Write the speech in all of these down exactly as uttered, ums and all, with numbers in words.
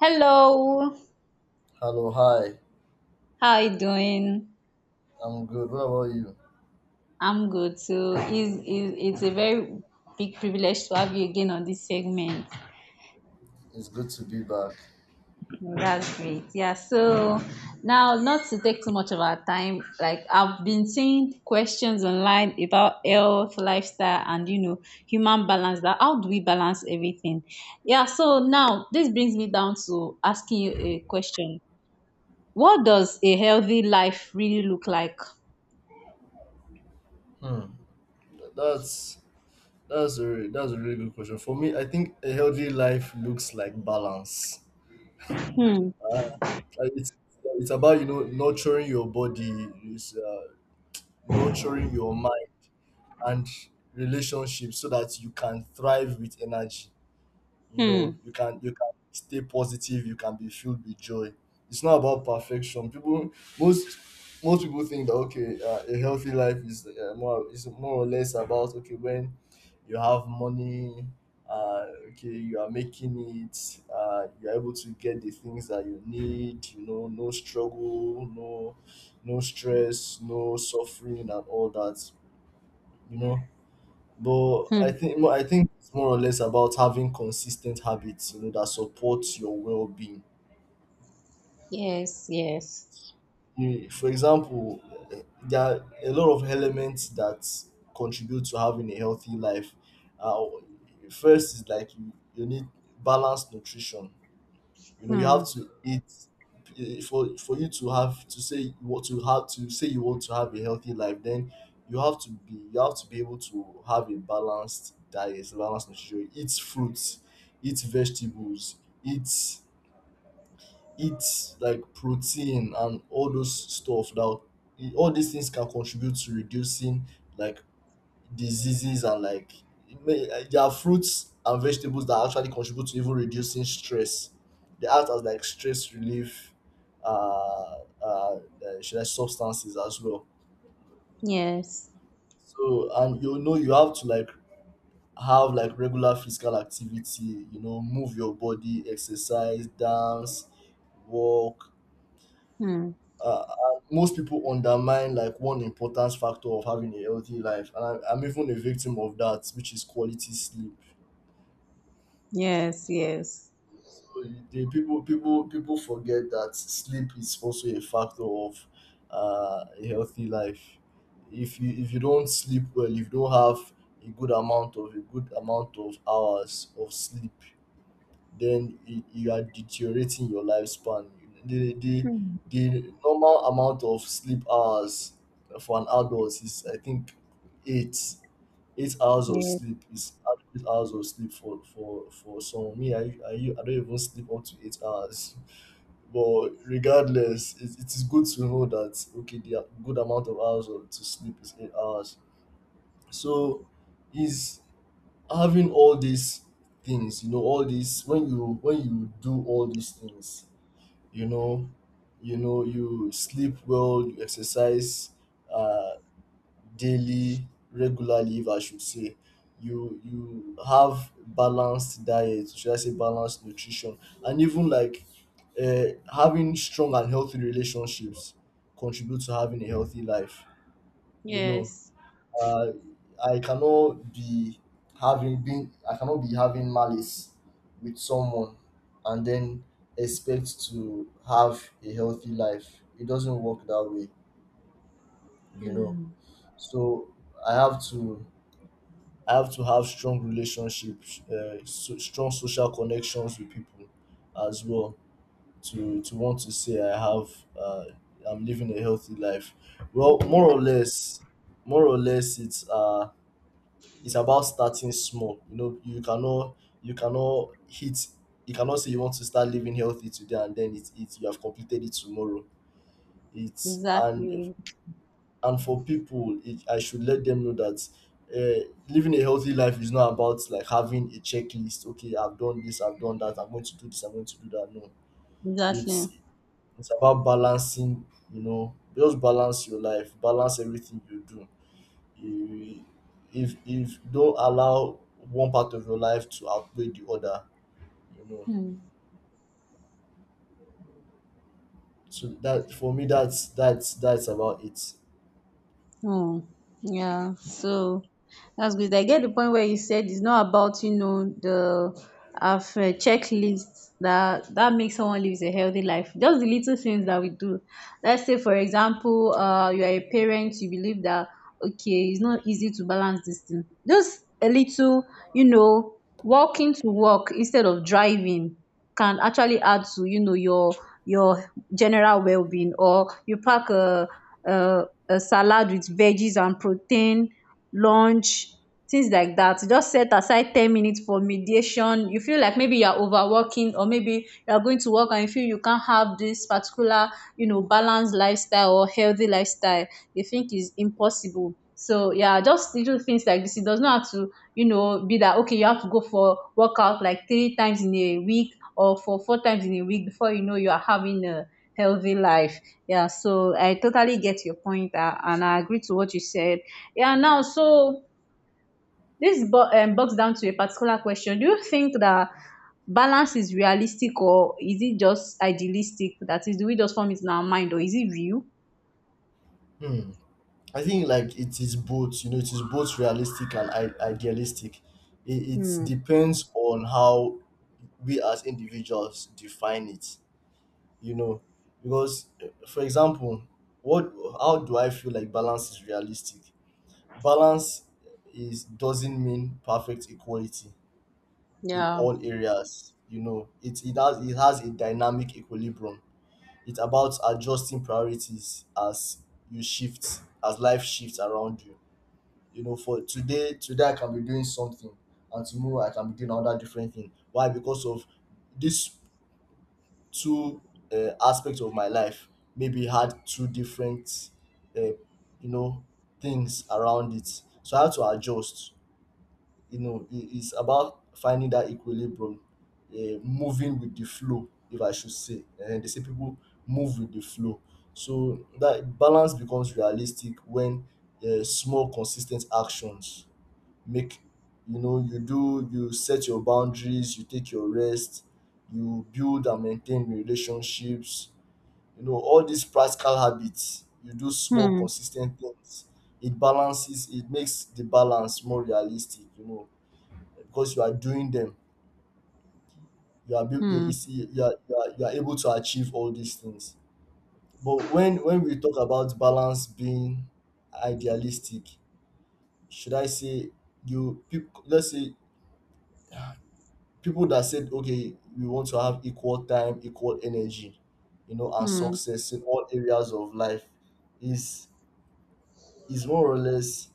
Hello, Hello, hi. how are you doing? I'm good. What about you? I'm good too. It's, it's, it's a very big privilege to have you again on this segment. It's good to be back. No, that's great. Yeah, so now, not to take too much of our time, like I've been seeing questions online about health, lifestyle, and you know, human balance that how do we balance everything? Yeah, so now this brings me down to asking you a question. What does a healthy life really look like? Hmm. That's that's a re- that's a really good question. For me, I think a healthy life looks like balance. Hmm, Like, It's it's about you know nurturing your body, it's, uh, nurturing your mind and relationships so that you can thrive with energy. You know, hmm, you can you can stay positive, you can be filled with joy. It's not about perfection. People most most people think that okay, uh, a healthy life is uh, more is more or less about okay when you have money, uh, okay you are making it, uh, you are able to get the things that you need. You know, no struggle, no no stress, no suffering, and all that. You know, but I hmm. think mo- I think it's more or less about having consistent habits, you know, that supports your well-being. Yes, yes. You- For example, eh, there are a lot of elements that contribute to having a healthy life. Uh, first is like you, you need balanced nutrition. You know, you Hmm. have to eat eh, for for you to have to say what to have to say you want to have a healthy life. Then you have to be you have to be able to have a balanced diet, a balanced nutrition. Eat fruits, eat vegetables, eat eat like protein and all those stuff. Now, eh, all these things can contribute to reducing like diseases and like it may- eh, there are fruits and vegetables that actually contribute to even reducing stress. They act as like stress relief, uh, uh, eh, should I substances as well. Yes. So and you know you have to like have like regular physical activity. You know, move your body, exercise, dance, walk. Hmm. Uh, and most people undermine like one important factor of having a healthy life, and I, I'm even a victim of that, which is quality sleep. Yes, yes. So the people people people forget that sleep is also a factor of uh, a healthy life. If you if you don't sleep well, if you don't have a good amount of a good amount of hours of sleep, then y- you are deteriorating your lifespan. The, the, Hmm. the normal amount of sleep hours for an adult is, I think, eight. Eight hours of Yes. sleep is adequate hours of sleep for for for someone. Me, I, I, I don't even sleep up to eight hours. But regardless, it, it is good to know that okay, the good amount of hours of, to sleep is eight hours. So, is having all these things, you know, all these, when you when you do all these things, you know, you know, you sleep well, you exercise uh daily, regularly if I should say, you you have balanced diet, should I say balanced nutrition, and even like uh, having strong and healthy relationships contribute to having a healthy life. You know, Yes. uh, I cannot be having been I cannot be having malice with someone and then expect to have a healthy life. It doesn't work that way, you know. Hmm. So I have to I have to have strong relationships, uh, so, strong social connections with people as well to to want to say I have, uh, I'm living a healthy life. Well, That's more right. or less, more or less, it's uh it's about starting small. You know, you cannot you cannot hit you cannot say you want to start living healthy today and then it, it you have completed it tomorrow. It's and Exactly. and for people, it, I should let them know that, uh, living a healthy life is not about like having a checklist, okay I've done this, I've done that, I'm going to do this, I'm going to do that. No, Exactly. it's, it's about balancing. You know, just balance your life, balance everything you do. You if if don't allow one part of your life to outweigh the other, you know. Hmm. So that for me, that's that's that's about it. Oh, yeah. So that's good. I get the point where you said it's not about you know the have a checklist that that makes someone lives a healthy life. Just the little things that we do. Let's say, for example, uh, you are a parent. You believe that okay, it's not easy to balance this thing. Just a little, you know, walking to work instead of driving can actually add to you know your your general well-being, or you pack a, a, a salad with veggies and protein lunch, things like that. Just set aside ten minutes for mediation, you feel like maybe you're overworking, or maybe you're going to work and you feel you can't have this particular you know balanced lifestyle or healthy lifestyle they think is impossible. So yeah, just little things like this, it does not have to you know be that okay you have to go for workout like three times in a week or for four times in a week before you know you are having a healthy life. Yeah, so I totally get your point, uh, and I agree to what you said. Yeah, now so this bo- um, boils down to a particular question. Do you think that balance is realistic or is it just idealistic? That is, do we just form it in our mind or is it real? Hmm. I think like it is both, you know, it is both realistic and I- idealistic. It, it Hmm. depends on how we as individuals define it, you know, because eh, for example, what how do I feel like balance is realistic? Balance is, doesn't mean perfect equality in Yeah. all areas. You know, it it has it has a dynamic equilibrium. It's about adjusting priorities as you shift, as life shifts around you. You know, for today, today I can be doing something, and tomorrow I can be doing another different thing. Why? Because of these two uh, aspects of my life. Maybe had two different, uh, you know, things around it. So I had to adjust. You know, it, it's about finding that equilibrium, uh, moving with the flow, if I should say, and they say people move with the flow. So that balance becomes realistic when, uh, small consistent actions make, you know, you do, you set your boundaries, you take your rest, you build and maintain relationships, you know, all these practical habits, you do small Hmm. consistent things. It balances, it makes the balance more realistic, you know, because you are doing them, you are buil- you Hmm. you see you are, you are you are able to achieve all these things. But when when we talk about balance being idealistic, should I say, you people, let's say, people that said okay, we want to have equal time, equal energy, you know, and Hmm. success in all areas of life. Is is more or less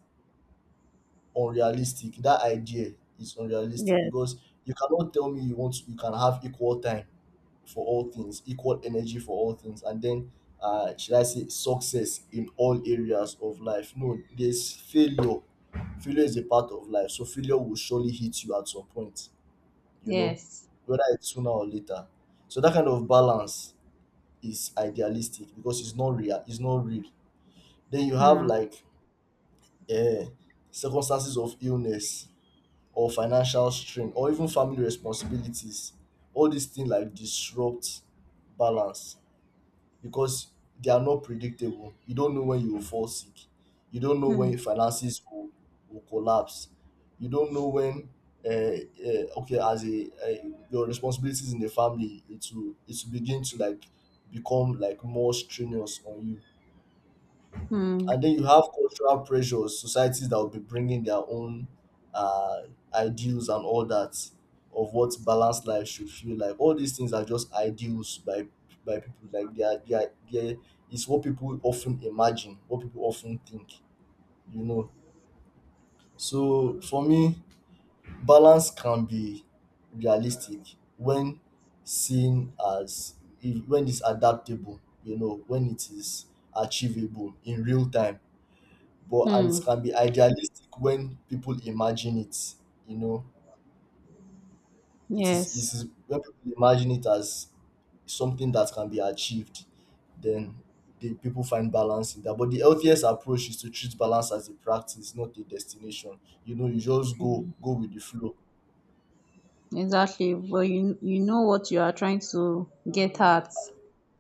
unrealistic. That idea is unrealistic Yes. because you cannot tell me you want, you can have equal time for all things, equal energy for all things, and then, uh, should I say success in all areas of life? No, there's failure. Failure is a part of life, so failure will surely hit you at some point. You know, Yes. whether it's sooner or later. So that kind of balance is idealistic because it's not real. It's not real. Then you have Hmm. like, uh, circumstances of illness or financial strain or even family responsibilities. All these things like disrupt balance because they are not predictable. You don't know when you will fall sick. You don't know when Hmm. your finances will, will collapse. You don't know when, uh, uh, okay, as a, uh, your responsibilities in the family, it will it will begin to like become like more strenuous on you. Hmm. And then you have cultural pressures, societies that will be bringing their own, uh, ideals and all that, of what balanced life should feel like. All these things are just ideals by by people. Like they are they are they it's what people often imagine, what people often think, you know. So for me, balance can be realistic when seen as, if, when it's adaptable, you know, when it is achievable in real time, but, and it Hmm. can be idealistic when people imagine it, you know, it is it Yes. is when people imagine it as something that can be achieved, then the people find balance in that. But the healthiest approach is to treat balance as a practice, not a destination. You know, you just go go with the flow. Exactly, but you you know what you are trying to get at.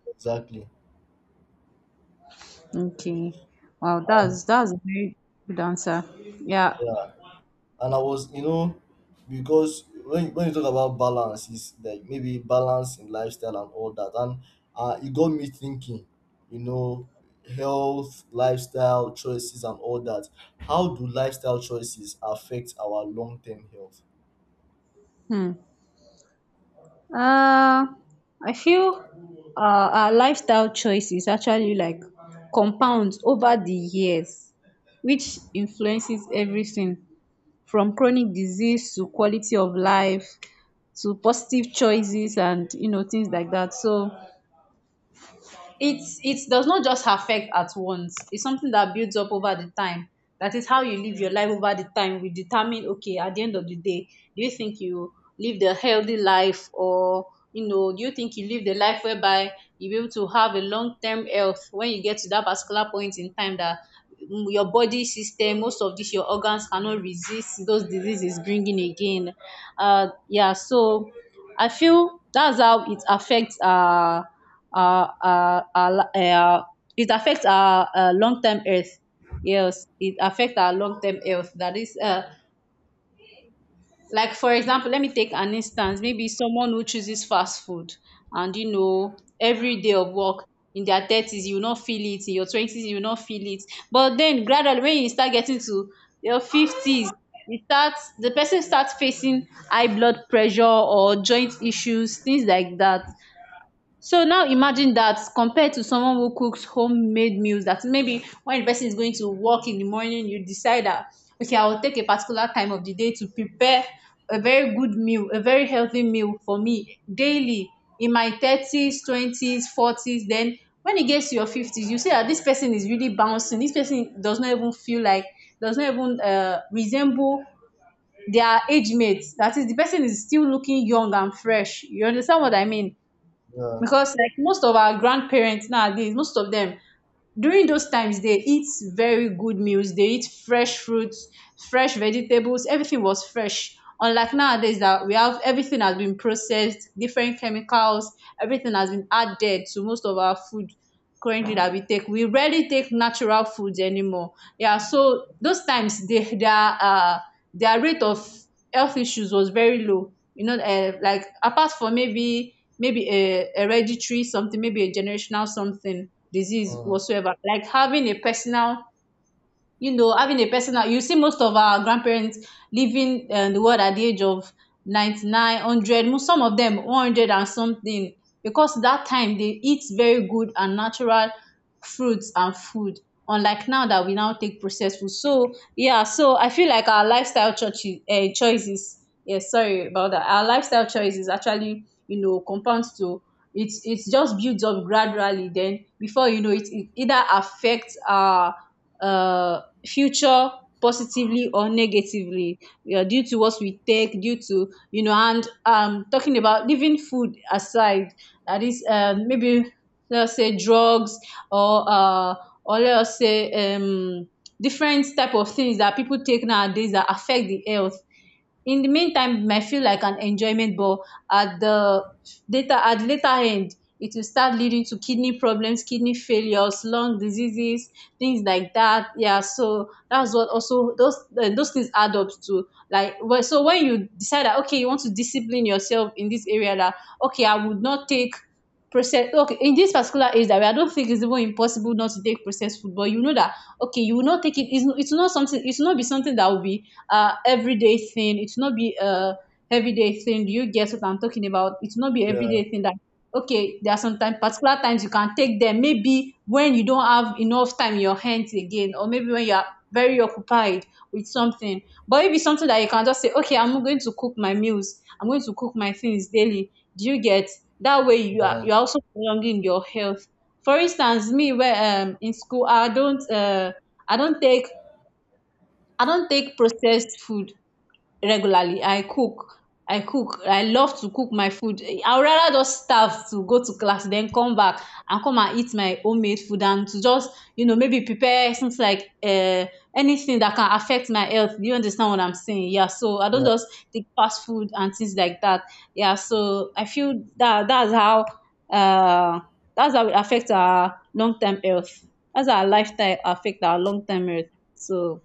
Exactly. Okay, wow, And that's that's a very good answer. Yeah. yeah, and I was, you know, because when when you talk about balance, is like maybe balance in lifestyle and all that, and, uh, it got me thinking, you know, health, lifestyle choices, and all that. How do lifestyle choices affect our long term health? Hmm. uh I feel uh, our lifestyle choices actually like compounds over the years, which influences everything from chronic disease to quality of life to positive choices and you know things like that. So it's it does not just affect at once, it's something that builds up over the time. That is how you live your life over the time. We determine okay at the end of the day, do you think you live the healthy life, or you know do you think you live the life whereby you be able to have a long term health when you get to that particular point in time that mm, your body system, most of this your organs cannot resist those diseases bringing again. Uh yeah, so I feel that's how it affects uh our our our li- eh, our- it affects our uh, long-term health. Yes, it affects our long-term health. That is uh, like for example let me take an instance. Maybe someone who chooses fast food and you know every day of work, in their thirties you will not feel it, in your twenties you will not feel it, but then gradually when you start getting to your fifties, it starts, the person starts facing high blood pressure or joint issues, things like that. So now imagine that compared to someone who cooks homemade meals, that maybe when the person is going to work in the morning, you decide that, okay, I will take a particular time of the day to prepare a very good meal, a very healthy meal for me daily in my thirties, twenties, forties. Then when it gets to your fifties, you see that this person is really bouncing. This person does not even feel like, does not even uh, resemble their age mates. That is, the person is still looking young and fresh. You understand what I mean? Yeah, Because like most of our grandparents nowadays, most of them during those times, they eat very good meals, they eat fresh fruits, fresh vegetables, everything was fresh, unlike nowadays that we have everything has been processed, different chemicals, everything has been added to most of our food currently that we take. We rarely take natural foods anymore. Yeah, so those times they their uh their rate of health issues was very low, you know. Um like apart from maybe maybe a hereditary something, maybe a generational something disease mm, whatsoever, like having a personal you know having a personal, you see most of our grandparents living um the world at the age of ninety-nine, one hundred, mo- some of them one hundred and something, because that time they eat very good and natural fruits and food, unlike now that we now take processed food. So yeah, so I feel like our lifestyle churches uh, choices, yeah, sorry about that, our lifestyle choices actually you know compounds to it. It's just builds up gradually, then before you know it, it either affects our uh future positively or negatively. Yeah, due to what we take, due to, you know, and um, talking about leaving food aside, that is um, maybe let's say drugs, or uh, or let's say um, different type of things that people take nowadays that affect the health. In the meantime, it might feel like an enjoyment, but at the later, at later end, it will start leading to kidney problems, kidney failures, lung diseases, things like that. Yeah, so that's what also those uh, those things add up to. Like well, so when you decide that okay, you want to discipline yourself in this area, that okay, I would not take process, okay in this particular age that we, I don't think it's even impossible not to take processed food, but you know that okay, you will not take it. It's, it's not something. It's not be something that will be uh everyday thing. It's not be uh everyday thing. Do you get what I'm talking about? It's not be yeah, everyday thing that okay there are some time particular times you can take them, maybe when you don't have enough time in your hands again, or maybe when you are very occupied with something. But if it's something that you can just say okay I'm going to cook my meals, I'm going to cook my things daily, do you get, that way you are, yeah, you are also prolonging your health. For instance me, where um in school I don't uh i don't take i don't take processed food regularly. I cook, I cook, I love to cook my food. I would rather just starve to go to class then come back and come and eat my homemade food and to just you know maybe prepare something like uh, anything that can affect my health. Do you understand what I'm saying? Yeah, so I don't yeah. just take fast food and things like that. Yeah, so I feel that that's how uh that's how it affects our long-term health. That's our lifestyle affect our long-term health. So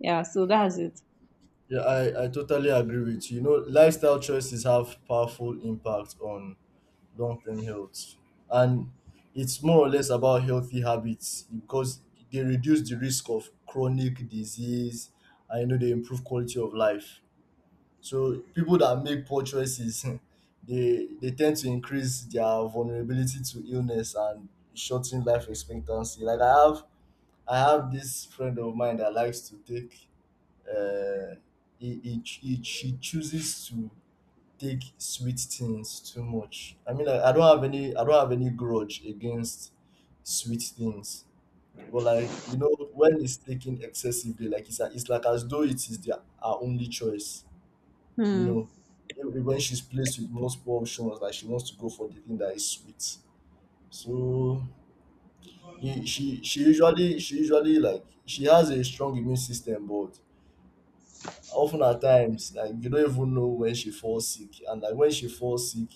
yeah, so that's it. Yeah, I, I totally agree with you. You know, lifestyle choices have powerful impact on long term health. And it's more or less about healthy habits because they reduce the risk of chronic disease and, you know, they improve quality of life. So people that make poor choices they they tend to increase their vulnerability to illness and shorten life expectancy. Like I have I have this friend of mine that likes to take, uh he, he, ch- he, she chooses to take sweet things too much. I mean, like, I don't have any, I don't have any grudge against sweet things, but like, you know, when it's taken excessively, like it's a- it's like as though it is their our only choice. You Hmm. know, even when she's placed with multiple options, like she wants to go for the thing that is sweet. So you- she she usually she usually, like, she has a strong immune system, but often at times, like, you don't even know when she falls sick, and like when she falls sick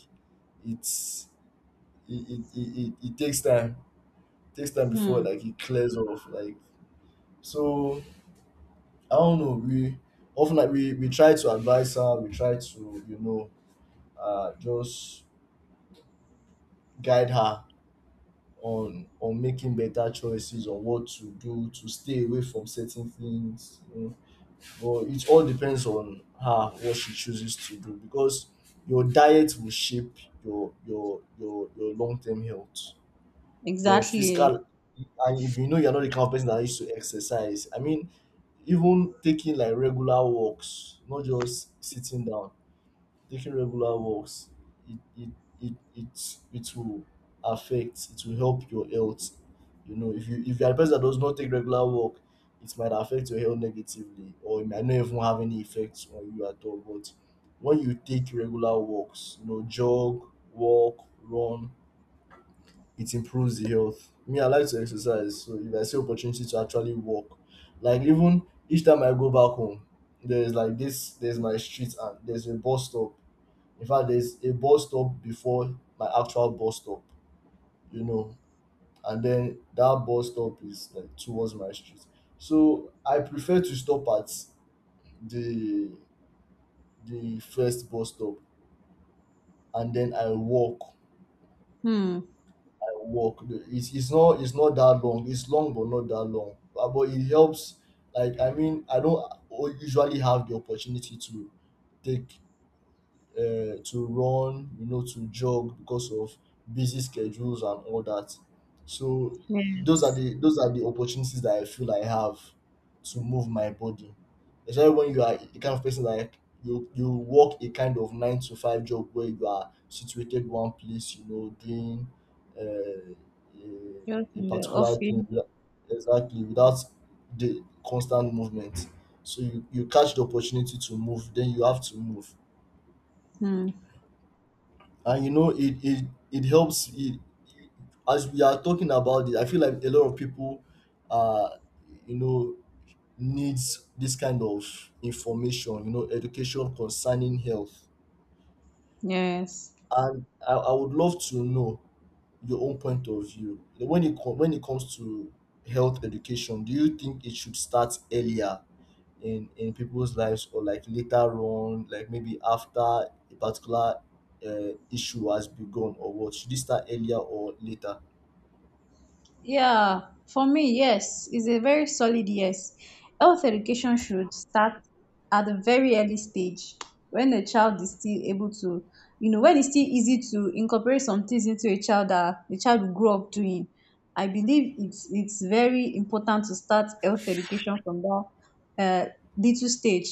it's it it, it, it it takes time. It takes time before Hmm. like it clears off. Like so I don't know, we often like we, we try to advise her, we try to, you know, uh just guide her on on making better choices on what to do to stay away from certain things, you know. But it all depends on her what she chooses to do because your diet will shape your your your your long term health. Your Exactly. physical. And if you know you're not the kind of person that used to exercise, I mean, even taking like regular walks, not just sitting down, taking regular walks, it it it it, it will affect, it will help your health. You know, if you if you're a person that does not take regular walk, it might affect your health negatively or it might not even have any effects on you at all. But when you take regular walks, you know, jog, walk, run, it improves the health. Me, I like to exercise, so if I see opportunity to actually walk, like even each time I go back home, there's like this, there's my street and there's a bus stop. In fact, there's a bus stop before my actual bus stop, you know, and then that bus stop is like towards my street. So I prefer to stop at the the first bus stop and then I walk. Hmm. I walk. It's, it's not, it's not that long. It's long but not that long. But, but it helps. Like I mean, I don't usually have the opportunity to take uh, to run, you know, to jog because of busy schedules and all that. So those are Yes. the those are the opportunities that I feel I have to move my body. Especially when you are the kind of person like you you work a kind of nine to five job where you are situated one place, you know, doing uh, Just a, a in the particular thing office. without- exactly, without the constant movement. So you, you catch the opportunity to move, then you have to move. Hmm. And you know it it it helps it, as we are talking about it I feel like a lot of people uh you know needs this kind of information, you know, education concerning health. Yes. And i, I would love to know your own point of view when it co- when it comes to health education. Do you think it should start earlier in in people's lives or like later on, like maybe after a particular uh, issue has begun? Or what, should it start earlier or later? Yeah, for me, yes, it's a very solid yes. Health education should start at a very early stage when a child is still able to, you know, when it's still easy to incorporate some things into a child that the child will grow up doing. I believe it's it's very important to start health education from that uh, little stage.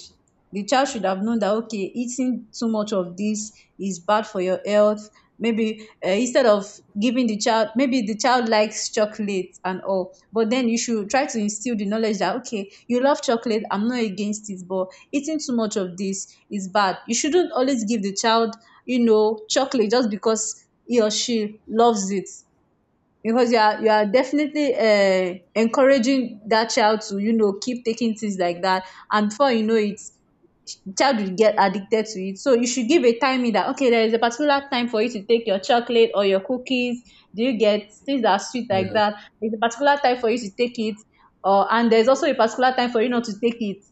The child should have known that okay, eating too much of this is bad for your health. Maybe uh, instead of giving the child, maybe the child likes chocolate and all, but then you should try to instill the knowledge that okay you love chocolate, I'm not against it, but eating too much of this is bad. You shouldn't always give the child you know chocolate just because he or she loves it, because you are, you are definitely uh, encouraging that child to you know keep taking things like that, and before you know it, child will get addicted to it. So you should give a timing that okay, there is a particular time for you to take your chocolate or your cookies. Do you get, things that are sweet like Yeah. that? There's a particular time for you to take it, or and there's also a particular time for you not to take it.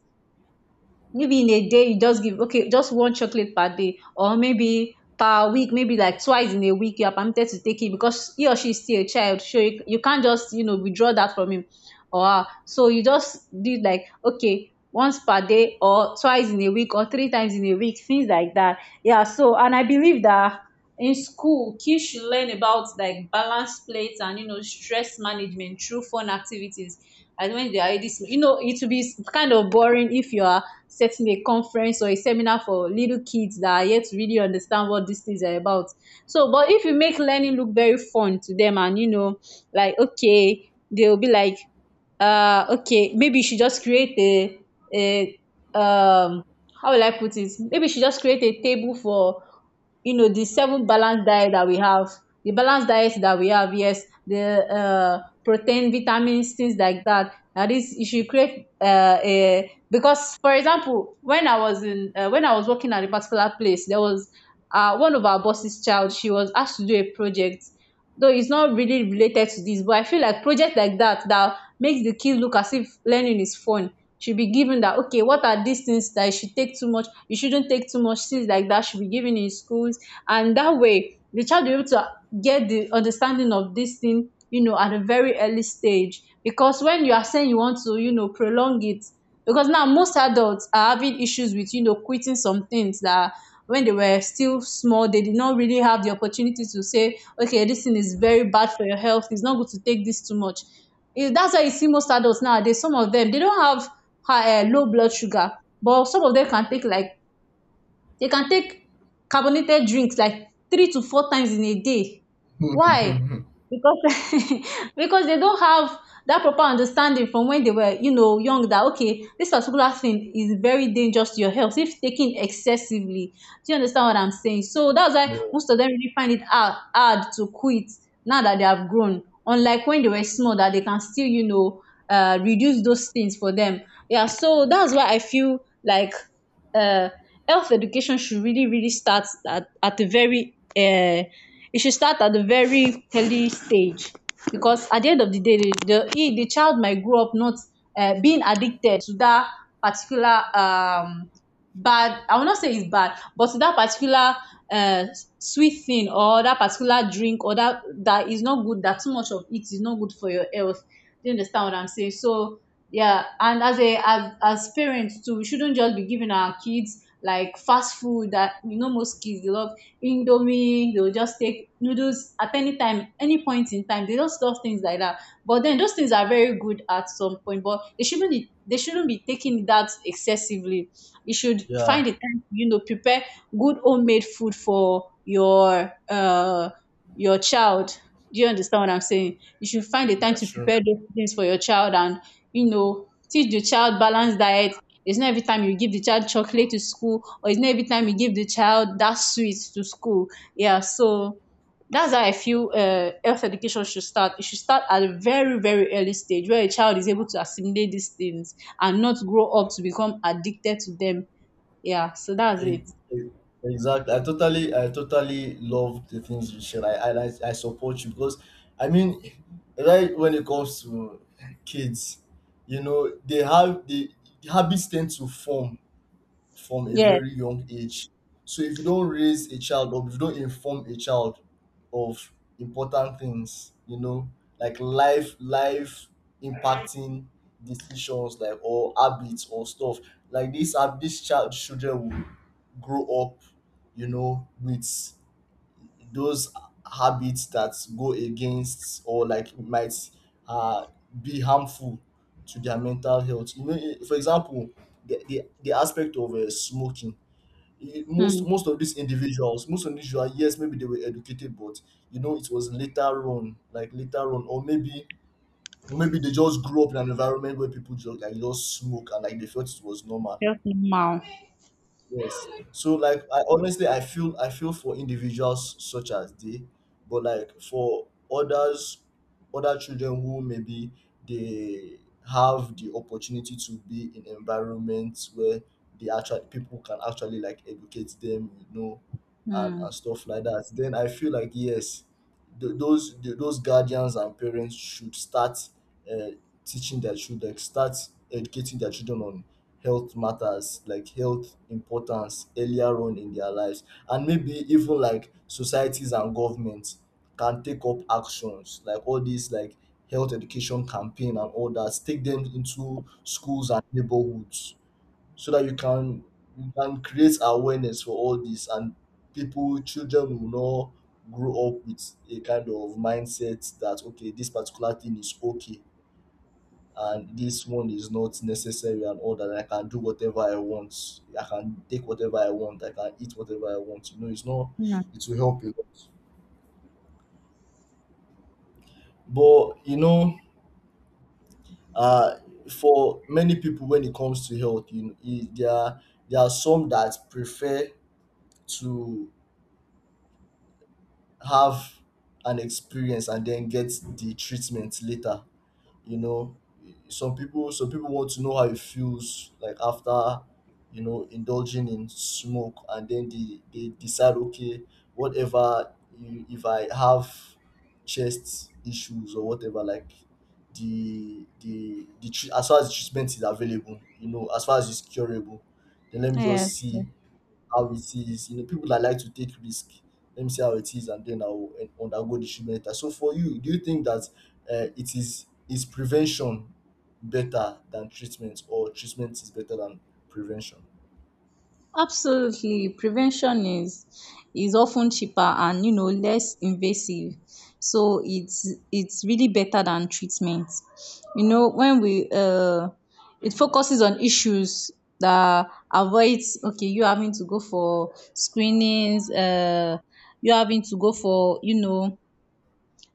Maybe in a day you just give okay just one chocolate per day, or maybe per week, maybe like twice in a week you are permitted to take it, because he or she is still a child, so you, you can't just you know withdraw that from him or her. So you just do it like okay, once per day, or twice in a week, or three times in a week, things like that. Yeah, so and I believe that in school kids should learn about, like, balance plates and, you know, stress management through fun activities. And when they are already sm- you know, it will be kind of boring if you are setting a conference or a seminar for little kids that are yet to really understand what these things are about. So, but if you make learning look very fun to them and, you know, like okay, they'll be like, uh, okay, maybe you should just create a a um how will I put it? Maybe you should just create a table for, you know, the seven balanced diet that we have, the balanced diet that we have, yes, the uh protein, vitamins, things like that. That is, you should create uh, a, because for example when I was in, uh, when I was working at a particular place, there was uh, one of our boss's child, she was asked to do a project. Though it's not really related to this, but I feel like project like that, that makes the kid look as if learning is fun, should be given, that okay, what are these things that you should take too much, you shouldn't take too much, things like that, should be given in schools. And that way the child will be able to get the understanding of this thing, you know, at a very early stage, because when you are saying you want to, you know, prolong it, because now most adults are having issues with, you know, quitting some things that, when they were still small, they did not really have the opportunity to say okay, this thing is very bad for your health, it's not good to take this too much. Eh, that's why you see most adults nowadays, some of them they don't have high eh, low blood sugar, but some of them can take like, they can take carbonated drinks like three to four times in a day. Why? Because because they don't have that proper understanding from when they were, you know, young, that okay, this particular thing is very dangerous to your health if taken excessively. Do you understand what I'm saying? So that's why Yeah, most of them really find it hard, hard to quit now that they have grown. Unlike when they were small, that they can still, you know, uh, reduce those things for them. Yeah, so that's why I feel like uh health education should really, really start at at a very um e should start at a very early stage, because at the end of the day the the e the child might grow up not um being addicted to that particular, um bad, I will not say it's bad, but to that particular um sweet thing, or that particular drink, or that that is not good, that too much of it is not good for your health. Do you understand what I'm saying? So yeah, and as, a as as parents too, we shouldn't just be giving our kids like fast food that, you know, most kids they love. Indomie, they'll just take noodles at any time, any point in time, they just love things like that. But then those things are very good at some point, but they shouldn't be they shouldn't be taking that excessively. You should yeah, find a time to, you know, prepare good homemade food for your uh your child. Do you understand what I'm saying? You should find a time that's to true. prepare those things for your child, and, you know, teach the child balanced diet. It's not every time you give the child chocolate to school, or it's not every time you give the child that sweet to school. Yeah, so that's how I feel, uh, health education should start. It should start at a very, very early stage where a child is able to assimilate these things and not grow up to become addicted to them. Yeah, so that's E- it. e- exactly, I totally, i totally love the things you share. i i, I support you because I mean, right, when it comes to kids, you know, they have the, habits tend to form from a Yeah. very young age. So if you don't raise a child or if you don't inform a child of important things, you know, like life life impacting decisions like or habits or stuff, like this hab- this child children will grow up, you know, with those habits that go against or like might uh, be harmful to their mental health. You know, eh, for example, the, the, the aspect of uh, smoking. Eh, Most Hmm. most of these individuals, most individuals, yes, maybe they were educated, but you know, it was later on, like later on, or maybe maybe they just grew up in an environment where people just like just smoke and like they felt it was normal. Wow. Yes. So like I honestly I feel, i feel for individuals such as they, but like for others, other children who maybe they have the opportunity to be in environments where the actual people can actually like educate them, you know, and, Hmm. and stuff like that. Then I feel like yes, th- those th- those guardians and parents should start uh, teaching their children, start educating their children on health matters like health importance earlier on in their lives. And maybe even like societies and governments can take up actions like all these like health education campaign and all that, take them into schools and neighborhoods so that you can, you can create awareness for all this. And people, children will not grow up with a kind of mindset that okay, this particular thing is okay and this one is not necessary and all that, I can do whatever I want, I can take whatever I want, I can eat whatever I want. You know, it's not, Hmm. it will help a lot. But you know, uh for many people when it comes to health, you know, e- there are, there are some that prefer to have an experience and then get the treatment later, you know. Some people, some people want to know how it feels like after, you know, indulging in smoke, and then they they decide okay, whatever, you, if I have chest issues or whatever, like the the the tre- as far as treatment is available, you know, as far as it's curable, then let me Yes. just see how it is. You know, people that like to take risk. Let me see how it is, and then I'll eh, undergo the treatment later. So for you, do you think that uh, it is is prevention better than treatment, or treatment is better than prevention? Absolutely, prevention is is often cheaper, and, you know, less invasive, so it's it's really better than treatment. You know, when we uh it focuses on issues that avoids, okay, you having to go for screenings, uh you having to go for, you know,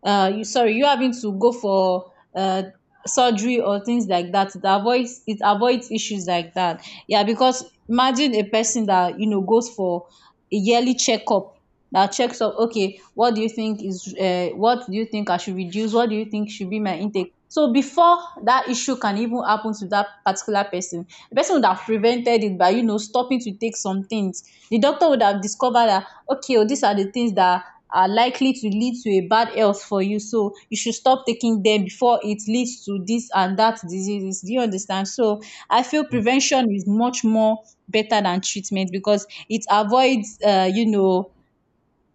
uh, you sorry you having to go for uh, surgery or things like that. It avoids, it avoids issues like that. Yeah, because imagine a person that, you know, goes for a yearly checkup, that checks up, okay, what do you think is uh, what do you think I should reduce, what do you think should be my intake, so before that issue can even happen to that particular person, the person would have prevented it by, you know, stopping to take some things. The doctor would have discovered that okay, oh, these are the things that are likely to lead to a bad health for you, so you should stop taking them before it leads to this and that diseases. Do you understand? So I feel prevention is much more better than treatment, because it avoids, uh, you know,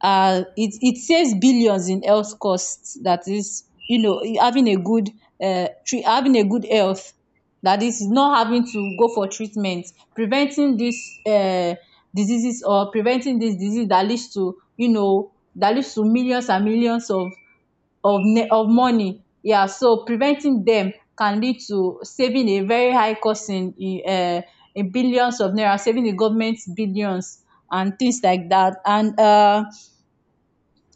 uh, it, it saves billions in health costs. That is, you know, having a good, uh, tre- having a good health. That is, not having to go for treatment, preventing these uh, diseases, or preventing this disease that leads to, you know, that leads to millions and millions of of ne- of money. Yeah, so preventing them can lead to saving a very high cost in in, uh, in billions of naira, saving the government billions and things like that. And uh,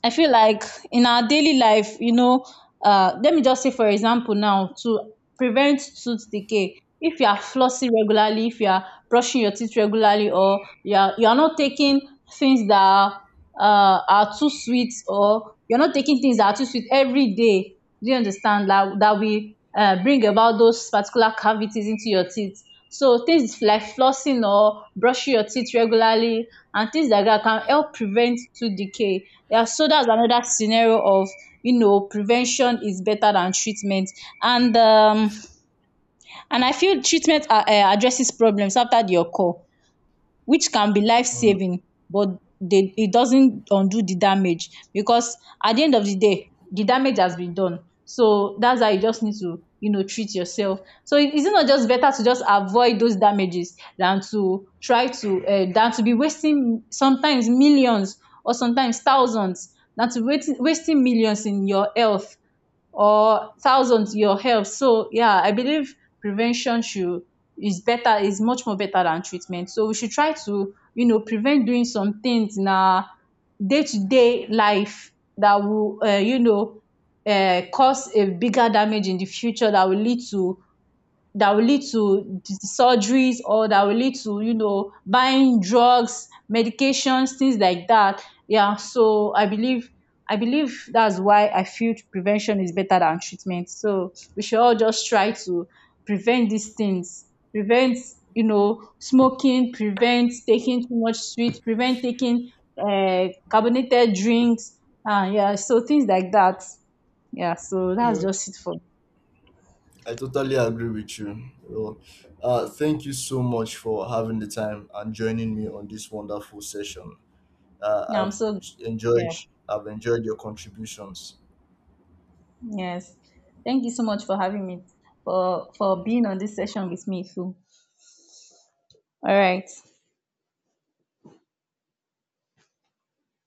I feel like in our daily life, you know, uh, let me just say, for example, now to prevent tooth decay, if you are flossing regularly, if you are brushing your teeth regularly, or you are you are not taking things that are, uh, are too sweet, or you're not taking things that are too sweet every day. Do you understand, that that we uh, bring about those particular cavities into your teeth? So things like flossing or brushing your teeth regularly and things like dat can help prevent tooth decay. Yeah, so dats another scenario of, you know, prevention is better than treatment. And um and I feel treatment, um addresses problems after the occur, which can be life Mm. saving, but they it doesn't undo the damage, because at the end of the day the damage has been done. So that's how you just need to, you know, treat yourself. So it is it not just better to just avoid those damages than to try to, uh, than to be wasting sometimes millions or sometimes thousands, than to wait, wasting millions in your health or thousands in your health. So yeah, I believe prevention should is better, is much more better than treatment, so we should try to, you know, prevent doing some things in our day-to-day life that will, uh, you know, uh, cause a bigger damage in the future that will lead to, that will lead to d- surgeries, or that will lead to, you know, buying drugs, medications, things like that. Yeah, so i believe I believe that's why I feel prevention is better than treatment, so we should all just try to prevent these things. Prevent, you know, smoking. Prevent taking too much sweet. Prevent taking, uh, carbonated drinks. uh, yeah, so things like that. Yeah, so Yeah. that's just it for me. I totally agree with you. Well, uh, thank you so much for having the time and joining me on this wonderful session. Uh, yeah, I'm I've so, enjoyed, yeah. I've enjoyed your contributions. Yes. Thank you so much for having me, for for being on this session with me too. All right.